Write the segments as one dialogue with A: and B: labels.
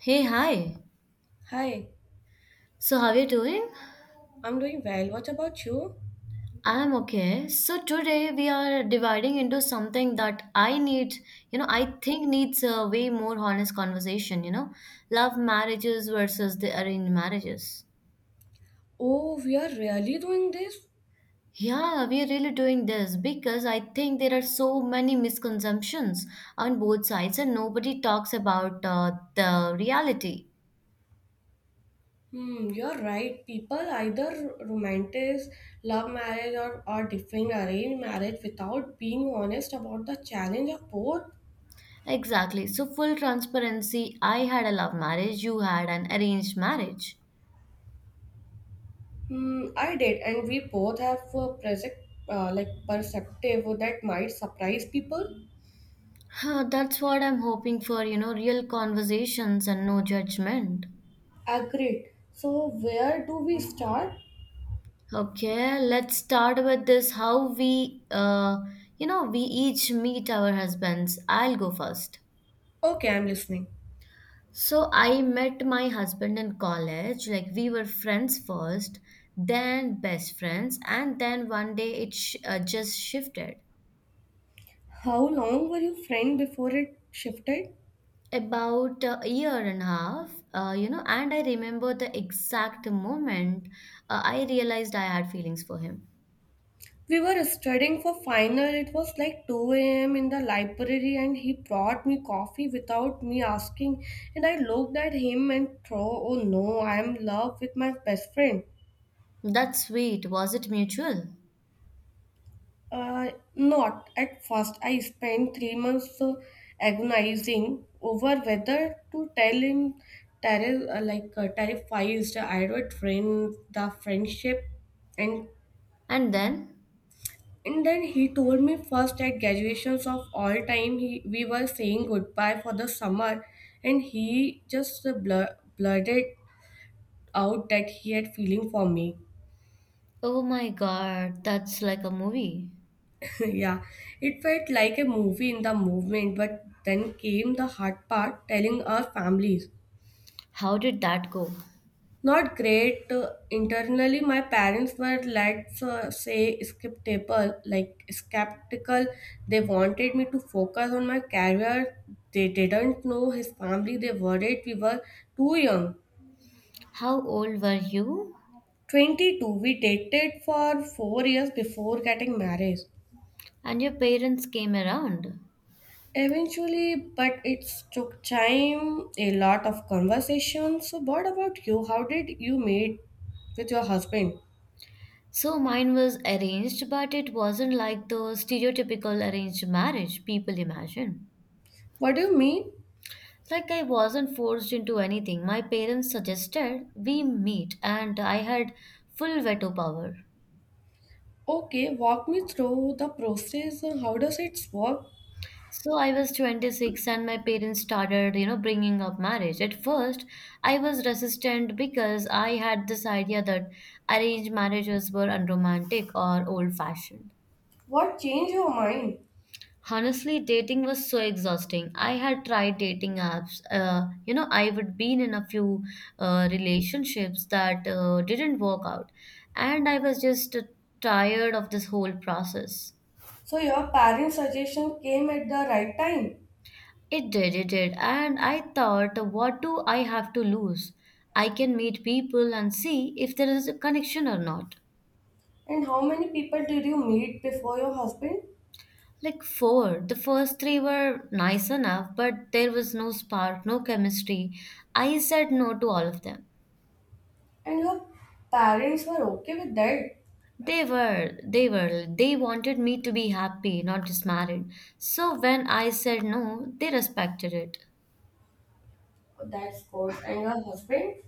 A: Hey, hi.
B: Hi,
A: So, how are you doing?
B: I'm doing well. What about you?
A: I'm okay. So, today we are dividing into something that I need, I think needs a way more honest conversation, love marriages versus the arranged marriages.
B: Oh, we are really doing this?
A: Yeah, we are really doing this because I think there are so many misconceptions on both sides and nobody talks about the reality.
B: You're right. People either romanticize love marriage or are defending arranged marriage without being honest about the challenge of both.
A: Exactly. So, full transparency, I had a love marriage, you had an arranged marriage.
B: I did, and we both have a present, like perspective that might surprise people.
A: Huh, that's what I'm hoping for, real conversations and no judgment.
B: Agreed. So, where do we start?
A: Okay, let's start with this how we, we each meet our husbands. I'll go first.
B: Okay, I'm listening.
A: So I met my husband in college. Like we were friends first, then best friends, and then one day it just shifted.
B: How long were you friend before it shifted?
A: About a year and a half, and I remember the exact moment I realized I had feelings for him.
B: We were studying for final. It was like 2 a.m. in the library, and he brought me coffee without me asking. And I looked at him and thought, "Oh no, I am in love with my best friend."
A: That's sweet. Was it mutual?
B: Uh, Not at first. I spent 3 months agonizing over whether to tell him, terrified. I would ruin the friendship and
A: And then?
B: And then he told me first at graduations of all time he we were saying goodbye for the summer and he just blurted out that he had feeling for me.
A: Oh my god, that's like a movie.
B: yeah. It felt like a movie in the movement but then came the hard part telling our families.
A: How did that go?
B: Not great. Internally, my parents were, let's say, skeptical, like skeptical. They wanted me to focus on my career. They didn't know his family. They worried we were too young.
A: How old were you?
B: 22, we dated for 4 years before getting married.
A: And your parents came around.
B: Eventually, but it took time, a lot of conversation. So, what about you? How did you meet with your husband?
A: So mine was arranged, but it wasn't like the stereotypical arranged marriage people imagine.
B: What do you mean?
A: Like I wasn't forced into anything. My parents suggested we meet, and I had full veto power.
B: Okay, walk me through the process. How does it work?
A: So I was 26 and my parents started, bringing up marriage. At first, I was resistant because I had this idea that arranged marriages were unromantic or old-fashioned.
B: What changed your mind?
A: Honestly, dating was so exhausting. I had tried dating apps. I would been in a few relationships that didn't work out, and I was just tired of this whole process.
B: So your parents' suggestion came at the right time.
A: It did, it did. And I thought, what do I have to lose? I can meet people and see if there is a connection or not.
B: And how many people did you meet before your husband?
A: Like four, the first three were nice enough, but there was no spark, no chemistry. I said no to all of them.
B: And your parents were okay with that.
A: They were, they were, they wanted me to be happy, not just married. So when I said no, they respected it.
B: Oh, that's good. And your husband?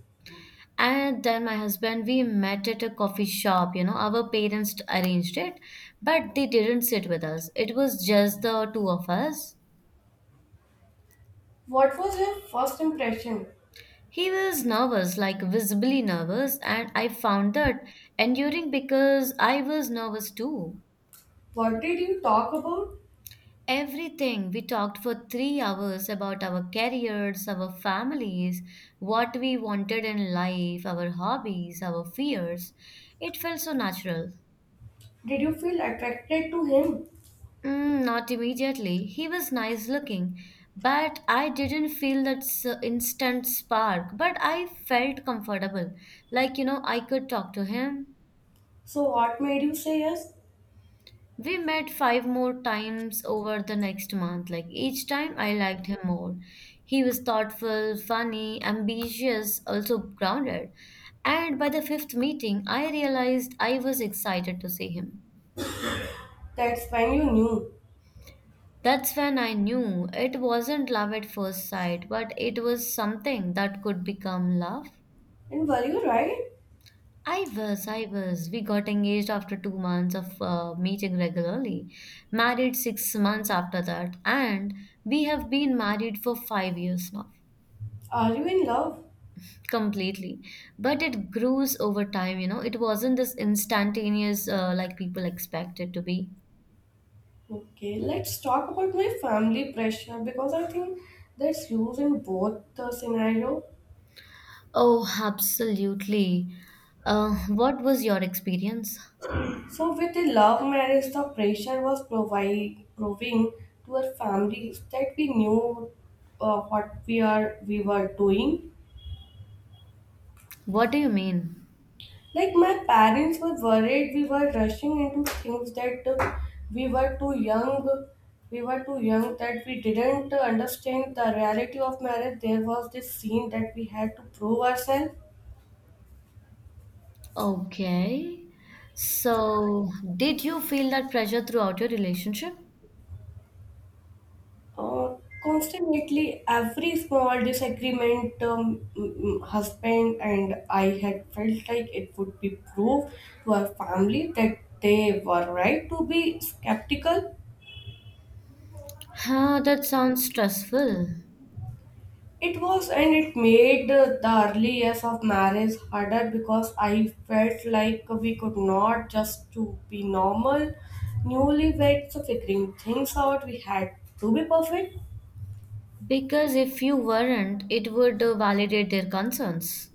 A: And then my husband, we met at a coffee shop. You know, our parents arranged it, but they didn't sit with us. It was just the two of us.
B: What was your first impression?
A: He was nervous, like visibly nervous, and I found that enduring because I was nervous too.
B: What did you talk about?
A: Everything we talked for 3 hours about our careers, our families, what we wanted in life, our hobbies, our fears. It felt so natural.
B: Did you feel attracted to him?
A: Mm, not immediately. He was nice looking, but I didn't feel that instant spark. But I felt comfortable. Like, you know, I could talk to him.
B: So what made you say yes?
A: We met five more times over the next month. Like, each time I liked him more. He was thoughtful, funny, ambitious, also grounded. And by the fifth meeting, I realized I was excited to see him.
B: That's when you knew.
A: That's when I knew it wasn't love at first sight, but it was something that could become love.
B: And were you right?
A: I was, I was. We got engaged after 2 months of meeting regularly, married 6 months after that, and we have been married for 5 years now,
B: Are you in love?
A: completely. But it grows over time, you know. It wasn't this instantaneous like people expect it to be.
B: Okay, let's talk about my family pressure because I think that's used in both the scenario.
A: Oh, absolutely. What was your experience?
B: So with the love marriage, the pressure was provide proving to our families that we knew what we were doing.
A: What do you mean?
B: Like my parents were worried we were rushing into things that we were too young. We were too young that we didn't understand the reality of marriage. There was this scene that we had to prove ourselves.
A: Okay. So, did you feel that pressure throughout your relationship?
B: Constantly, every small disagreement, husband and I had felt like it would be proof to our family that they were right to be skeptical.
A: Huh, that sounds stressful.
B: It was, and it made the early years of marriage harder because I felt like we could not just to be normal, newlyweds figuring things out. We had to be perfect.
A: Because if you weren't, it would validate their concerns.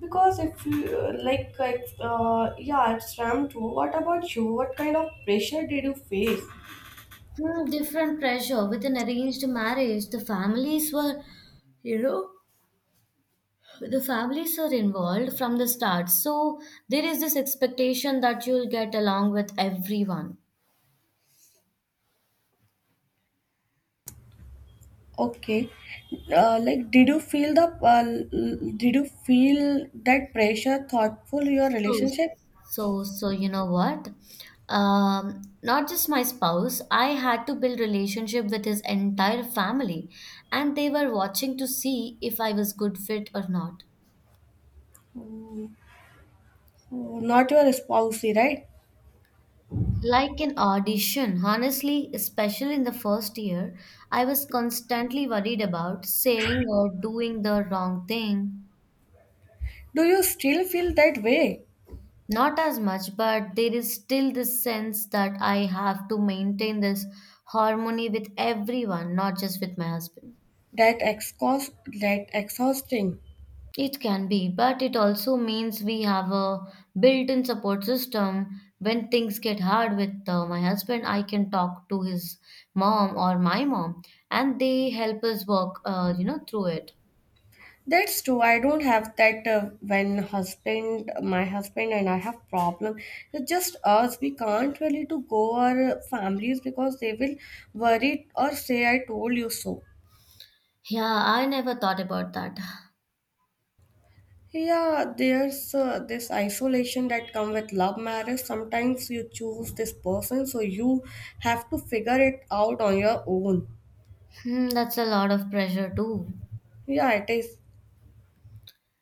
B: Because if you- Like, yeah, it's RAM too. What about you? What kind of pressure did you face?
A: Hmm, different pressure with an arranged marriage. The families were, you know, the families are involved from the start. So there is this expectation that you'll get along with everyone.
B: Okay. Like, did you feel the uh, did you feel that pressure thoughtful your
A: So,
B: relationship?
A: so, you know what? Not just my spouse, I had to build relationship with his entire family, and they were watching to see if I was good fit or not.
B: Hmm. Not your spousey, right?
A: Like an audition, honestly, especially in the first year, I was constantly worried about saying or doing the wrong thing.
B: Do you still feel that way?
A: Not as much, but there is still this sense that I have to maintain this harmony with everyone, not just with my husband.
B: That exhaust, that exhausting.
A: It can be, but it also means we have a built-in support system. When things get hard with my husband, I can talk to his mom or my mom, and they help us work, through it.
B: That's true. I don't have that when my husband and I have problem. It's just us. We can't really to go our families because they will worry or say, "I told you so."
A: Yeah, I never thought about that.
B: Yeah, there's this isolation that come with love marriage. Sometimes you choose this person, so you have to figure it out on your own.
A: Hmm, that's a lot of pressure too.
B: Yeah, it is.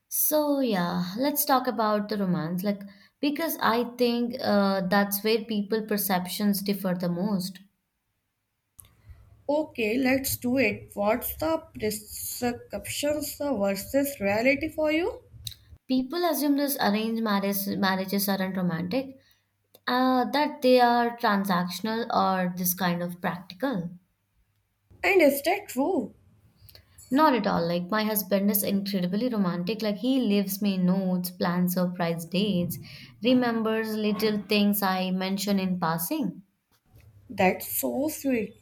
A: So yeah, let's talk about the romance, like because I think that's where people perceptions differ the most.
B: Okay, let's do it. What's the prescriptions versus reality for you?
A: People assume this arranged marriage marriages aren't romantic, that they are transactional or this kind of practical.
B: And is that true?
A: Not at all. Like my husband is incredibly romantic. Like he leaves me notes, plans surprise dates, remembers little things I mention in passing.
B: That's so sweet.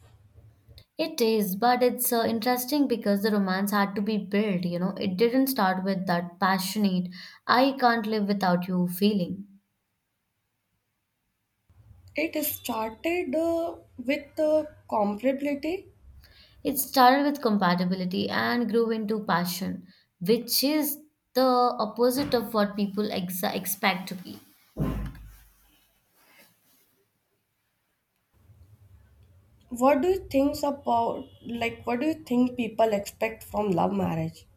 A: It is, but it's interesting because the romance had to be built. You know, it didn't start with that passionate "I can't live without you" feeling.
B: It started with compatibility.
A: It started with compatibility and grew into passion, which is the opposite of what people expect to be.
B: What do you think about, like, what do you think people expect from love marriage?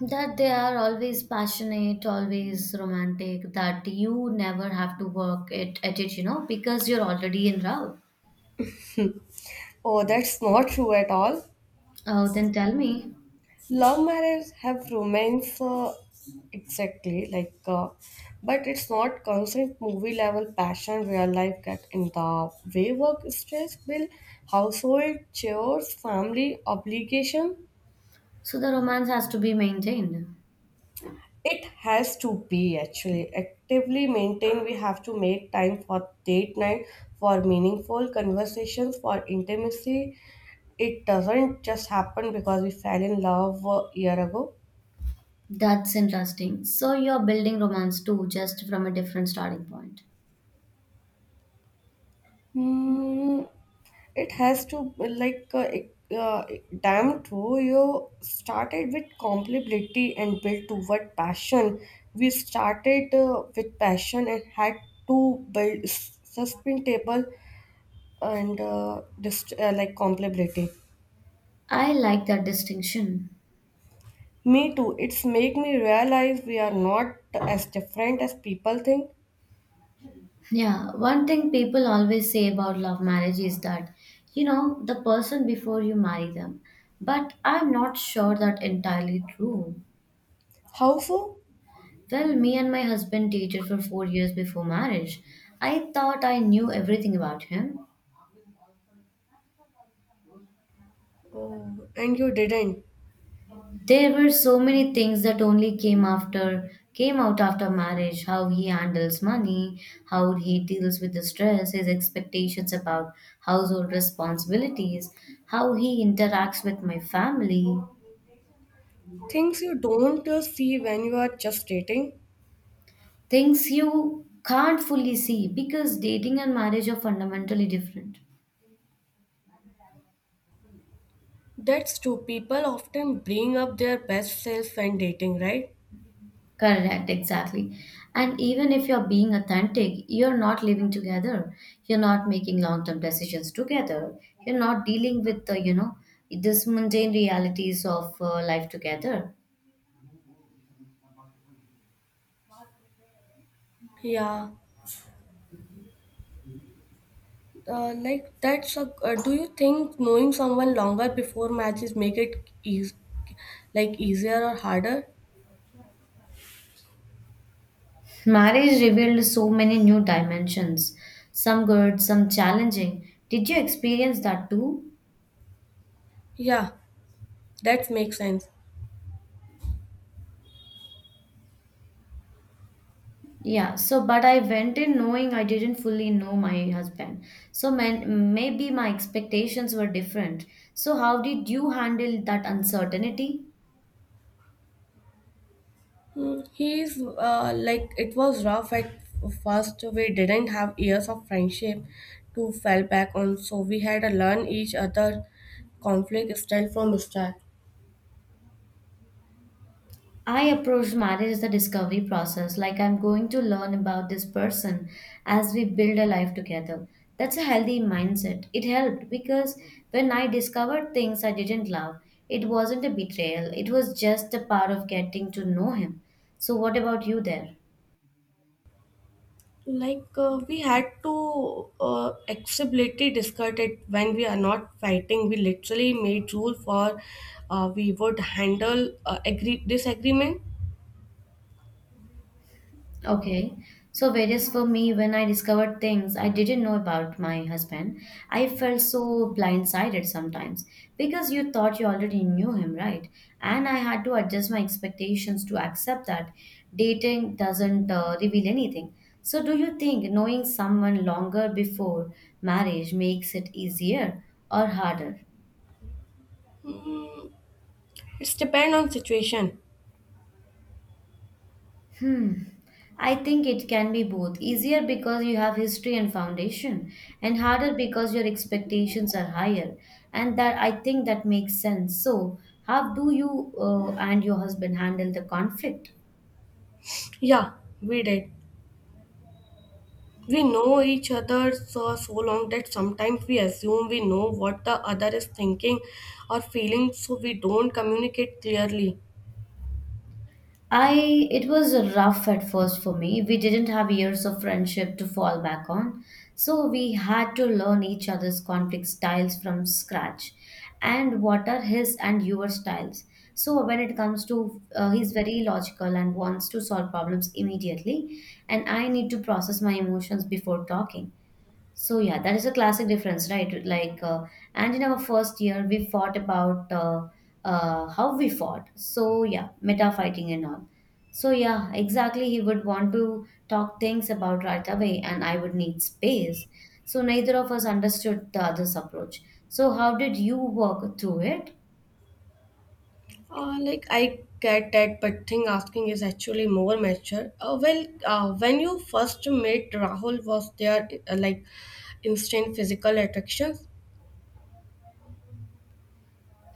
A: That they are always passionate, always romantic, that you never have to at it, you know, because you're already in love.
B: Oh, that's not true at all.
A: Oh, then tell me.
B: Love marriage have romance exactly, but it's not constant movie level passion real life get in the way work stress bill, household chores, family obligation.
A: So the romance has to be maintained.
B: It has to be actually actively maintained. We have to make time for date night, for meaningful conversations, for intimacy. It doesn't just happen because we fell in love a year ago.
A: That's interesting. So you're building romance too, just from a different starting point.
B: Hmm, it has to be like damn true. You started with compatibility and built toward passion. We started with passion and had to build sustainable and just like compatibility.
A: I like that distinction.
B: Me too. It's make me realize we are not as different as people think.
A: Yeah, one thing people always say about love marriage is that, you know, the person before you marry them. But I'm not sure that entirely true.
B: How so?
A: Well, me and my husband dated for 4 years before marriage. I thought I knew everything about him.
B: Oh, and you didn't.
A: There were so many things that only came out after marriage, how he handles money, how he deals with the stress, his expectations about household responsibilities, how he interacts with my family,
B: Things you don't see when you are just dating.
A: things you can't fully see because dating and marriage are fundamentally different.
B: That's true. People often bring up their best self when dating, right?
A: Correct, exactly. And even if you're being authentic, you're not living together. You're not making long-term decisions together. You're not dealing with the, this mundane realities of life together.
B: Yeah. Do you think knowing someone longer before matches make it easier or harder?
A: Marriage revealed so many new dimensions, some good, some challenging. Did you experience that too?
B: Yeah, that makes sense.
A: Yeah, so but I went in knowing I didn't fully know my husband. So man, maybe my expectations were different. So how did you handle that uncertainty?
B: Hmm, He's like It was rough at first. We didn't have years of friendship to fall back on, so we had to learn each other conflict style from start.
A: I approached marriage as a discovery process, like I'm going to learn about this person as we build a life together. That's a healthy mindset. It helped because when I discovered things I didn't love, it wasn't a betrayal, it was just a part of getting to know him. So, what about you there?
B: Like, we had to acceptably discuss it when we are not fighting. We literally made rule for we would handle agree disagreement.
A: Okay. So, whereas for me, when I discovered things I didn't know about my husband, I felt so blindsided sometimes because you thought you already knew him, right? And I had to adjust my expectations to accept that dating doesn't reveal anything. So, do you think knowing someone longer before marriage makes it easier or harder?
B: Mm, it's depend on situation.
A: I think it can be both easier because you have history and foundation, and harder because your expectations are higher. And that I think that makes sense. So, how do you and your husband handle the conflict?
B: Yeah, we did. We know each other so, so long that sometimes we assume we know what the other is thinking or feeling, so we don't communicate clearly.
A: I It was rough at first for me. We didn't have years of friendship to fall back on. So we had to learn each other's conflict styles from scratch and what are his and your styles. So when it comes to he's very logical and wants to solve problems immediately and I need to process my emotions before talking. So yeah, that is a classic difference, right? And in our first year, we fought about how we fought. So yeah, meta fighting and all. So yeah, exactly. He would want to talk things about right away, and I would need space. So neither of us understood the other's approach. So how did you work through it?
B: Like I get that, but thing asking is actually more mature. Well, when you first met Rahul, was there like instant physical attraction.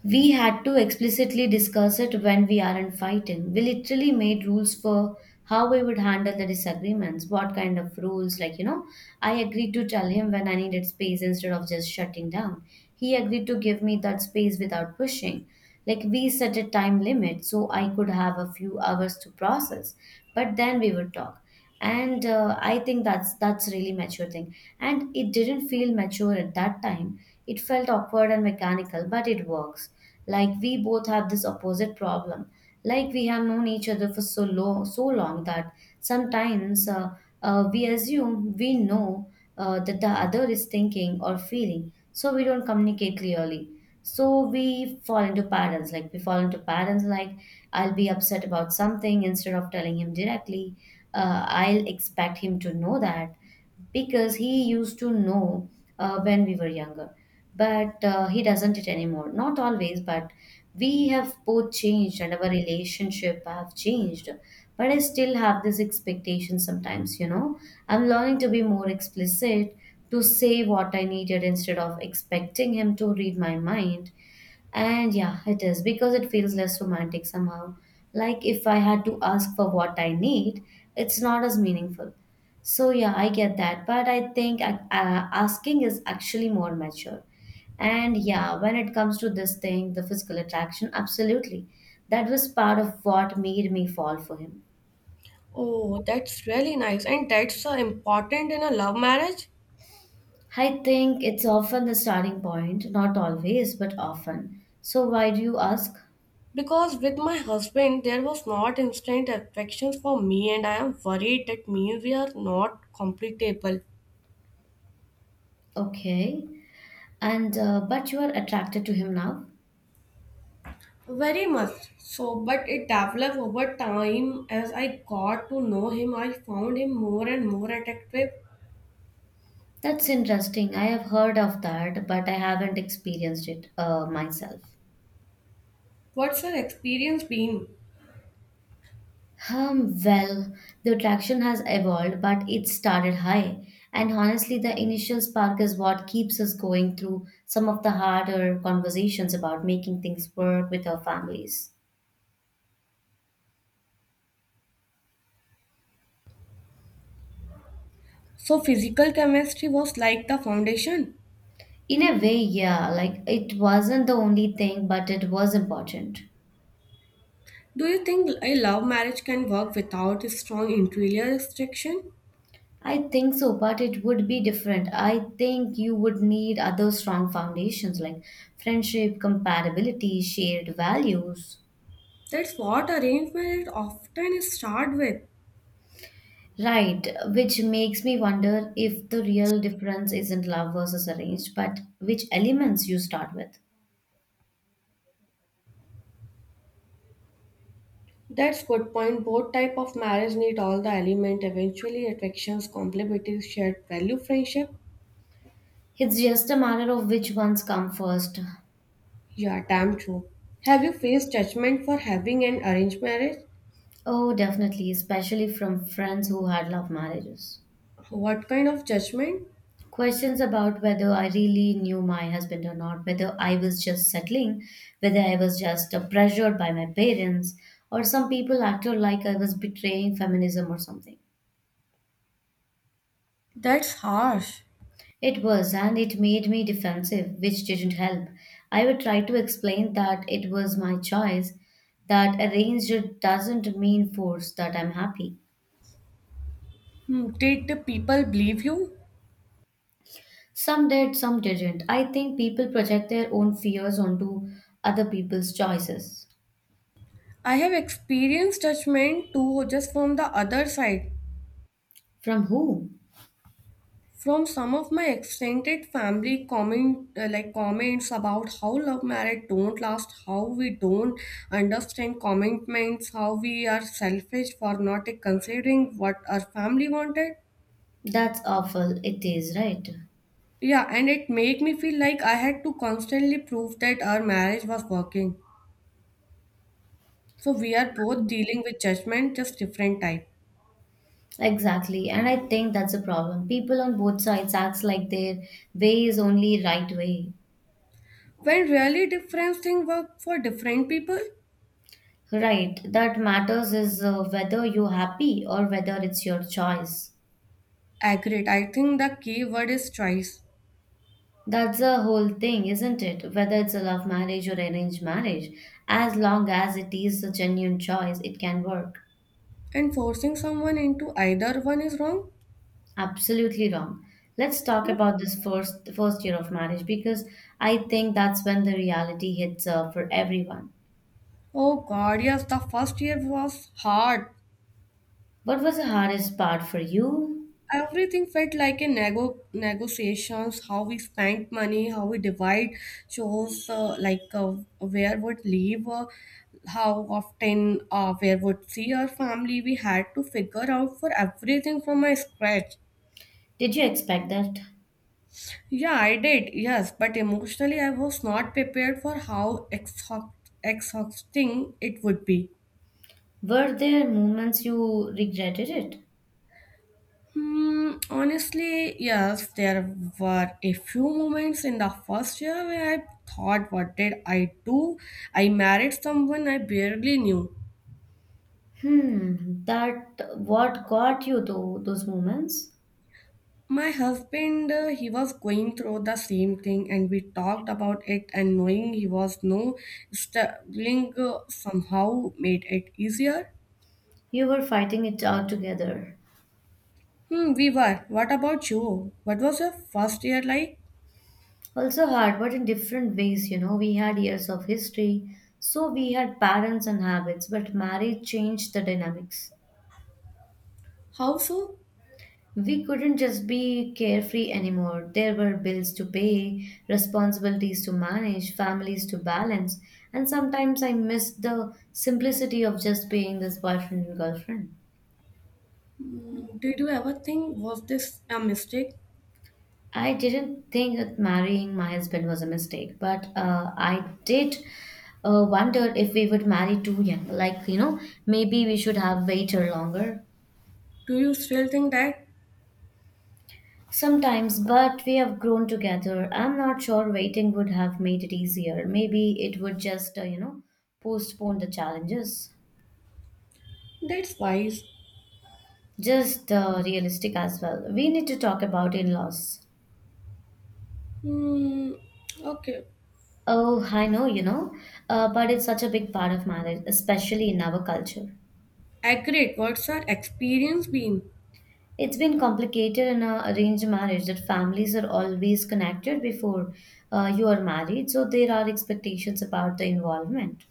A: We had to explicitly discuss it when we aren't fighting. We literally made rules for how we would handle the disagreements, what kind of rules. Like, you know, I agreed to tell him when I needed space instead of just shutting down. He agreed to give me that space without pushing. Like we set a time limit so I could have a few hours to process, but then we would talk. And I think that's really mature thing. And it didn't feel mature at that time. It felt awkward and mechanical, but it works. Like we both have this opposite problem. Like we have known each other for so low so long that sometimes we assume we know that the other is thinking or feeling. So we don't communicate clearly. So we fall into patterns. Like we fall into patterns like I'll be upset about something instead of telling him directly. I'll expect him to know that because he used to know when we were younger but he doesn't it anymore, not always, but we have both changed and our relationship have changed but I still have this expectation sometimes, I'm learning to be more explicit, to say what I needed instead of expecting him to read my mind. And yeah, it is because it feels less romantic somehow. Like if I had to ask for what I need, it's not as meaningful. So yeah, I get that, but I think asking is actually more mature. And yeah, when it comes to this thing, the physical attraction, absolutely. That was part of what made me fall for him.
B: Oh, that's really nice, and that's important in a love marriage.
A: I think it's often the starting point, not always, but often. So why do you ask?
B: Because with my husband, there was not instant affection for me, and I am worried that means we are not compatible.
A: Okay. And but you are attracted to him now?
B: Very much so, but it developed over time. As I got to know him, I found him more and more attractive.
A: That's interesting. I have heard of that, but I haven't experienced it myself.
B: What's your experience been?
A: Well, the attraction has evolved, but it started high. And honestly, the initial spark is what keeps us going through some of the harder conversations about making things work with our families.
B: So, physical chemistry was like the foundation.
A: In a way, yeah, like it wasn't the only thing, but it was important.
B: Do you think a love marriage can work without a strong interior attraction?
A: I think so, but it would be different. I think you would need other strong foundations like friendship, compatibility, shared values.
B: That's what arranged marriage often start with.
A: Right, which makes me wonder if the real difference isn't love versus arranged, but which elements you start with.
B: That's good point. Both type of marriage need all the element eventually attractions, complementary shared value, friendship.
A: It's just a matter of which ones come first.
B: Yeah, damn true. Have you faced judgment for having an arranged marriage?
A: Oh, definitely, especially from friends who had love marriages.
B: What kind of judgment?
A: Questions about whether I really knew my husband or not, whether I was just settling, whether I was just pressured by my parents, or some people acted like I was betraying feminism or something.
B: That's harsh.
A: It was, and it made me defensive, which didn't help. I would try to explain that it was my choice, that arranged doesn't mean force, that I'm happy.
B: Did the people believe you?
A: Some did, some didn't. I think people project their own fears onto other people's choices.
B: I have experienced judgment too, just from the other side.
A: From who?
B: From some of my extended family comment like comments about how love marriage don't last, how we don't understand commitments, how we are selfish for not considering what our family wanted.
A: That's awful. It is, right?
B: Yeah, and it made me feel like I had to constantly prove that our marriage was working, so we are both dealing with judgment, just different type.
A: Exactly. And I think that's the problem. People on both sides acts like their way is only right way.
B: When really different things work for different people.
A: Right. That matters is whether you're happy or whether it's your choice.
B: Agreed, I think the key word is choice.
A: That's the whole thing, isn't it? Whether it's a love marriage or arranged marriage, as long as it is a genuine choice, it can work.
B: And forcing someone into either one is wrong.
A: Absolutely wrong. Let's talk about this first year of marriage because I think that's when the reality hits for everyone.
B: Oh God, yes, the first year was hard.
A: What was the hardest part for you?
B: Everything felt like a negotiations, how we spent money, how we divide shows, where would leave, how often, where would see our family. We had to figure out for everything from my scratch.
A: Did you expect that?
B: Yeah, I did, yes, but emotionally I was not prepared for how exhausting it would be.
A: Were there moments you regretted it?
B: Honestly, yes, there were a few moments in the first year where I thought, what did I do? I married someone I barely knew.
A: Hmm, that what got you to those moments?
B: My husband, he was going through the same thing, and we talked about it, and knowing he was no struggling somehow made it easier.
A: You were fighting it out together.
B: We were. What about you? What was your first year like?
A: Also hard, but in different ways, you know. We had years of history, so we had patterns and habits, but marriage changed the dynamics.
B: How so?
A: We couldn't just be carefree anymore. There were bills to pay, responsibilities to manage, families to balance, and sometimes I missed the simplicity of just being this boyfriend and girlfriend.
B: Did you ever think was this a mistake?
A: I didn't think that marrying my husband was a mistake, but I did wonder if we would marry too young. Like, you know, maybe we should have waited longer.
B: Do you still think that?
A: Sometimes, but we have grown together. I'm not sure waiting would have made it easier. Maybe it would just, you know, postpone the challenges.
B: That's wise.
A: Just realistic as well. We need to talk about in laws.
B: Hmm, okay.
A: Oh, I know, you know, but it's such a big part of marriage, especially in our culture.
B: Accurate. What's your experience been?
A: It's been complicated in a arranged marriage that families are always connected before you are married, so there are expectations about the involvement.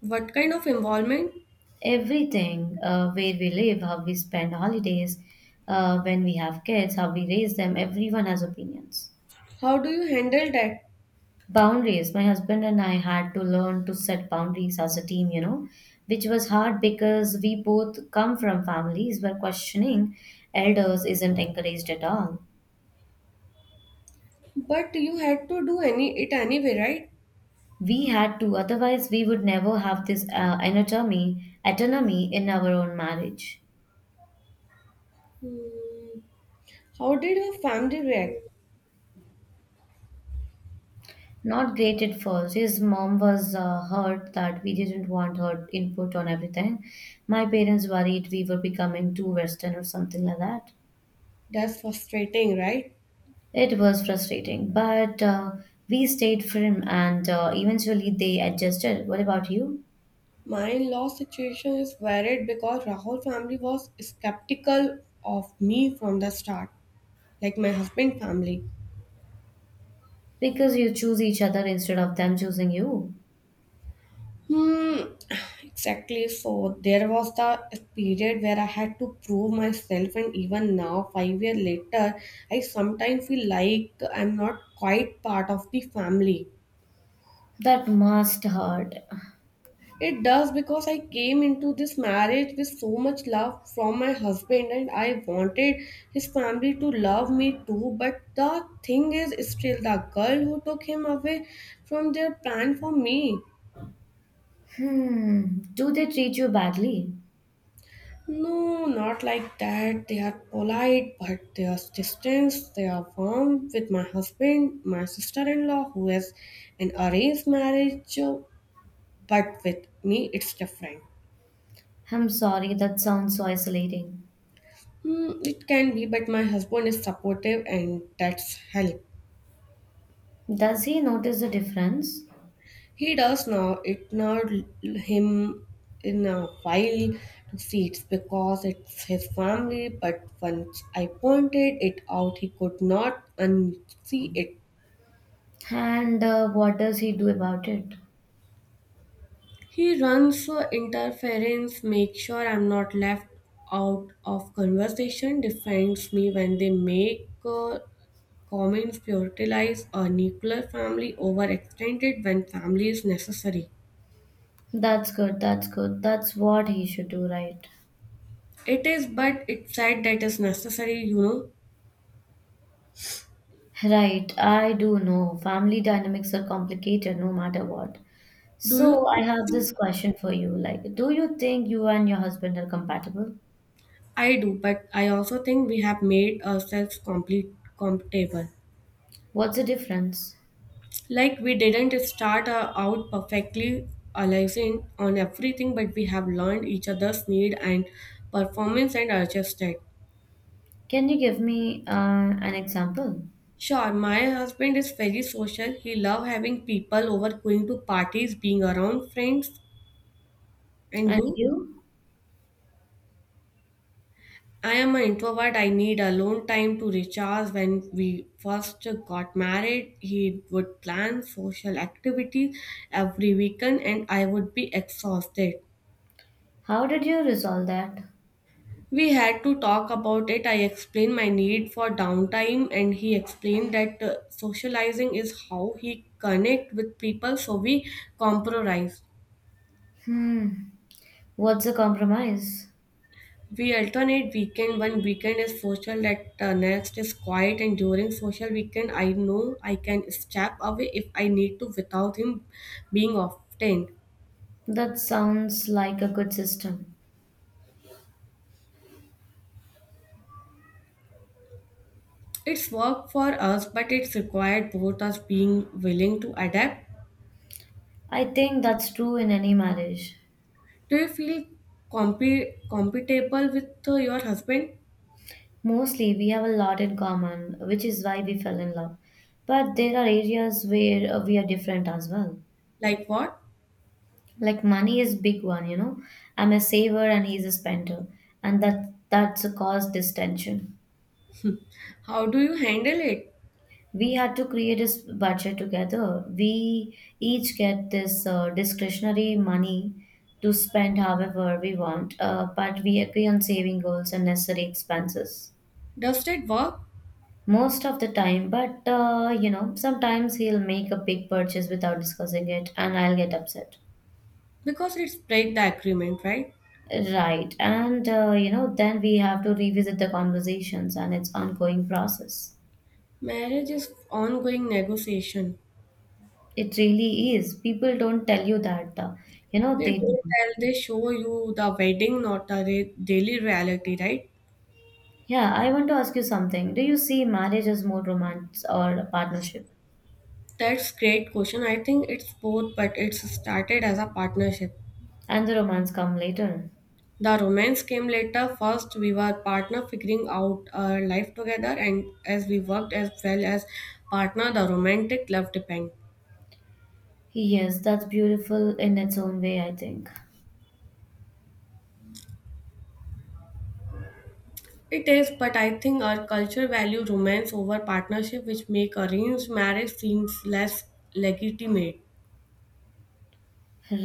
B: What kind of involvement?
A: Everything where we live, how we spend holidays, when we have kids, how we raise them, everyone has opinions.
B: How do you handle that?
A: Boundaries. My husband and I had to learn to set boundaries as a team, you know, which was hard because we both come from families where questioning elders isn't encouraged at all.
B: But you had to do any it anyway, right?
A: We had to, otherwise, we would never have this autonomy in our own marriage.
B: Hmm, how did your family react?
A: Not great at first. His mom was hurt that we didn't want her input on everything. My parents worried we were becoming too Western or something like that.
B: That's frustrating, right?
A: It was frustrating, but we stayed firm and eventually they adjusted. What about you?
B: My in-law situation is varied because Rahul family was skeptical of me from the start, like my husband family.
A: Because you choose each other instead of them choosing you.
B: Hmm, exactly. So there was the period where I had to prove myself, and even now, 5 years later, I sometimes feel like I'm not quite part of the family.
A: That must hurt.
B: It does because I came into this marriage with so much love from my husband, and I wanted his family to love me too. But the thing is, still, the girl who took him away from their plan for me.
A: Hmm. Do they treat you badly?
B: No, not like that. They are polite, but they are distant. They are warm with my husband, my sister in law, who has an arranged marriage, but with me, it's different.
A: I'm sorry, that sounds so isolating.
B: It can be, but my husband is supportive, and that's help.
A: Does he notice the difference?
B: He does now. It not him in a while to see it's because it's his family, but once I pointed it out, he could not unsee it.
A: And what does he do about it?
B: He runs for interference, makes sure I'm not left out of conversation, defends me when they make comments, prioritize a nuclear family over extended when family is necessary.
A: That's good, that's good. That's what he should do, right?
B: It is, but it's sad that is necessary, you know.
A: Right, I do know. Family dynamics are complicated no matter what.
B: Do
A: So,
B: you
A: I
B: think
A: have this question for you. Like, do you think you and your husband are compatible?
B: I do? But I also think we have made ourselves complete compatible.
A: What's the difference?
B: Like we didn't start out perfectly aligned on everything, but we have learned each other's need and performance and adjusted.
A: Can you give me an example?
B: Sure, my husband is very social. He love having people over, going to parties, being around friends. And
A: And
B: you?
A: you?
B: I am an introvert. I need alone time to recharge. When we first got married, he would plan social activities every weekend, and I would be exhausted.
A: How did you resolve that?
B: We had to talk about it. I explained my need for downtime, and he explained that socializing is how he connect with people. So we compromise.
A: Hmm. What's a compromise?
B: We alternate weekend. One weekend is social, that next is quiet, and during social weekend, I know I can step away if I need to without him being often.
A: That sounds like a good system.
B: It's work for us, but it's required both us being willing to adapt.
A: I think that's true in any marriage.
B: Do you feel compatible with your husband?
A: Mostly we have a lot in common, which is why we fell in love. But there are areas where we are different as well.
B: Like what?
A: Like money is big one, you know. I'm a saver and he's a spender, and that's a caused this tension.
B: How do you handle it?
A: We had to create a budget together. We each get this discretionary money to spend however we want, but we agree on saving goals and necessary expenses.
B: Does it work?
A: Most of the time, but you know, sometimes he'll make a big purchase without discussing it and I'll get upset.
B: Because it's break the agreement, right?
A: Right, and you know, then we have to revisit the conversations, and it's ongoing process.
B: Marriage is ongoing negotiation.
A: It really is. People don't tell you that, you know,
B: They
A: they
B: don't
A: don't.
B: tell, they show you the wedding, not the daily reality, right?
A: Yeah, I want to ask you something. Do you see marriage as more romance or a partnership?
B: That's great question. I think it's both, but it's started as a partnership.
A: And the romance come later?
B: The romance came later. First, we were partner figuring out our life together, and as we worked as well as partner, the romantic love depend.
A: Yes, that's beautiful in its own way, I think.
B: It is, but I think our culture value romance over partnership, which make arranged marriage seems less legitimate.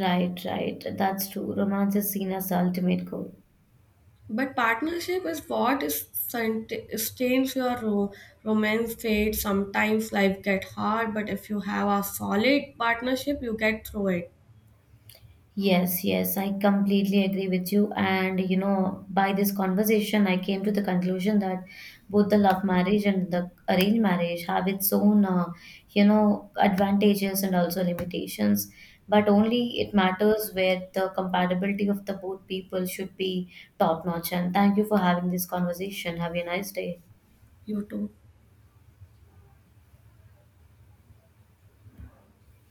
A: Right, right. That's true. Romance is seen as the ultimate goal.
B: But partnership is what is sustains your romance fate. Sometimes life get hard, but if you have a solid partnership, you get through it.
A: Yes, yes, I completely agree with you. And you know, by this conversation, I came to the conclusion that both the love marriage and the arranged marriage have its own, you know, advantages and also limitations. But only it matters where the compatibility of the both people should be top notch. And thank you for having this conversation. Have a nice day.
B: You too.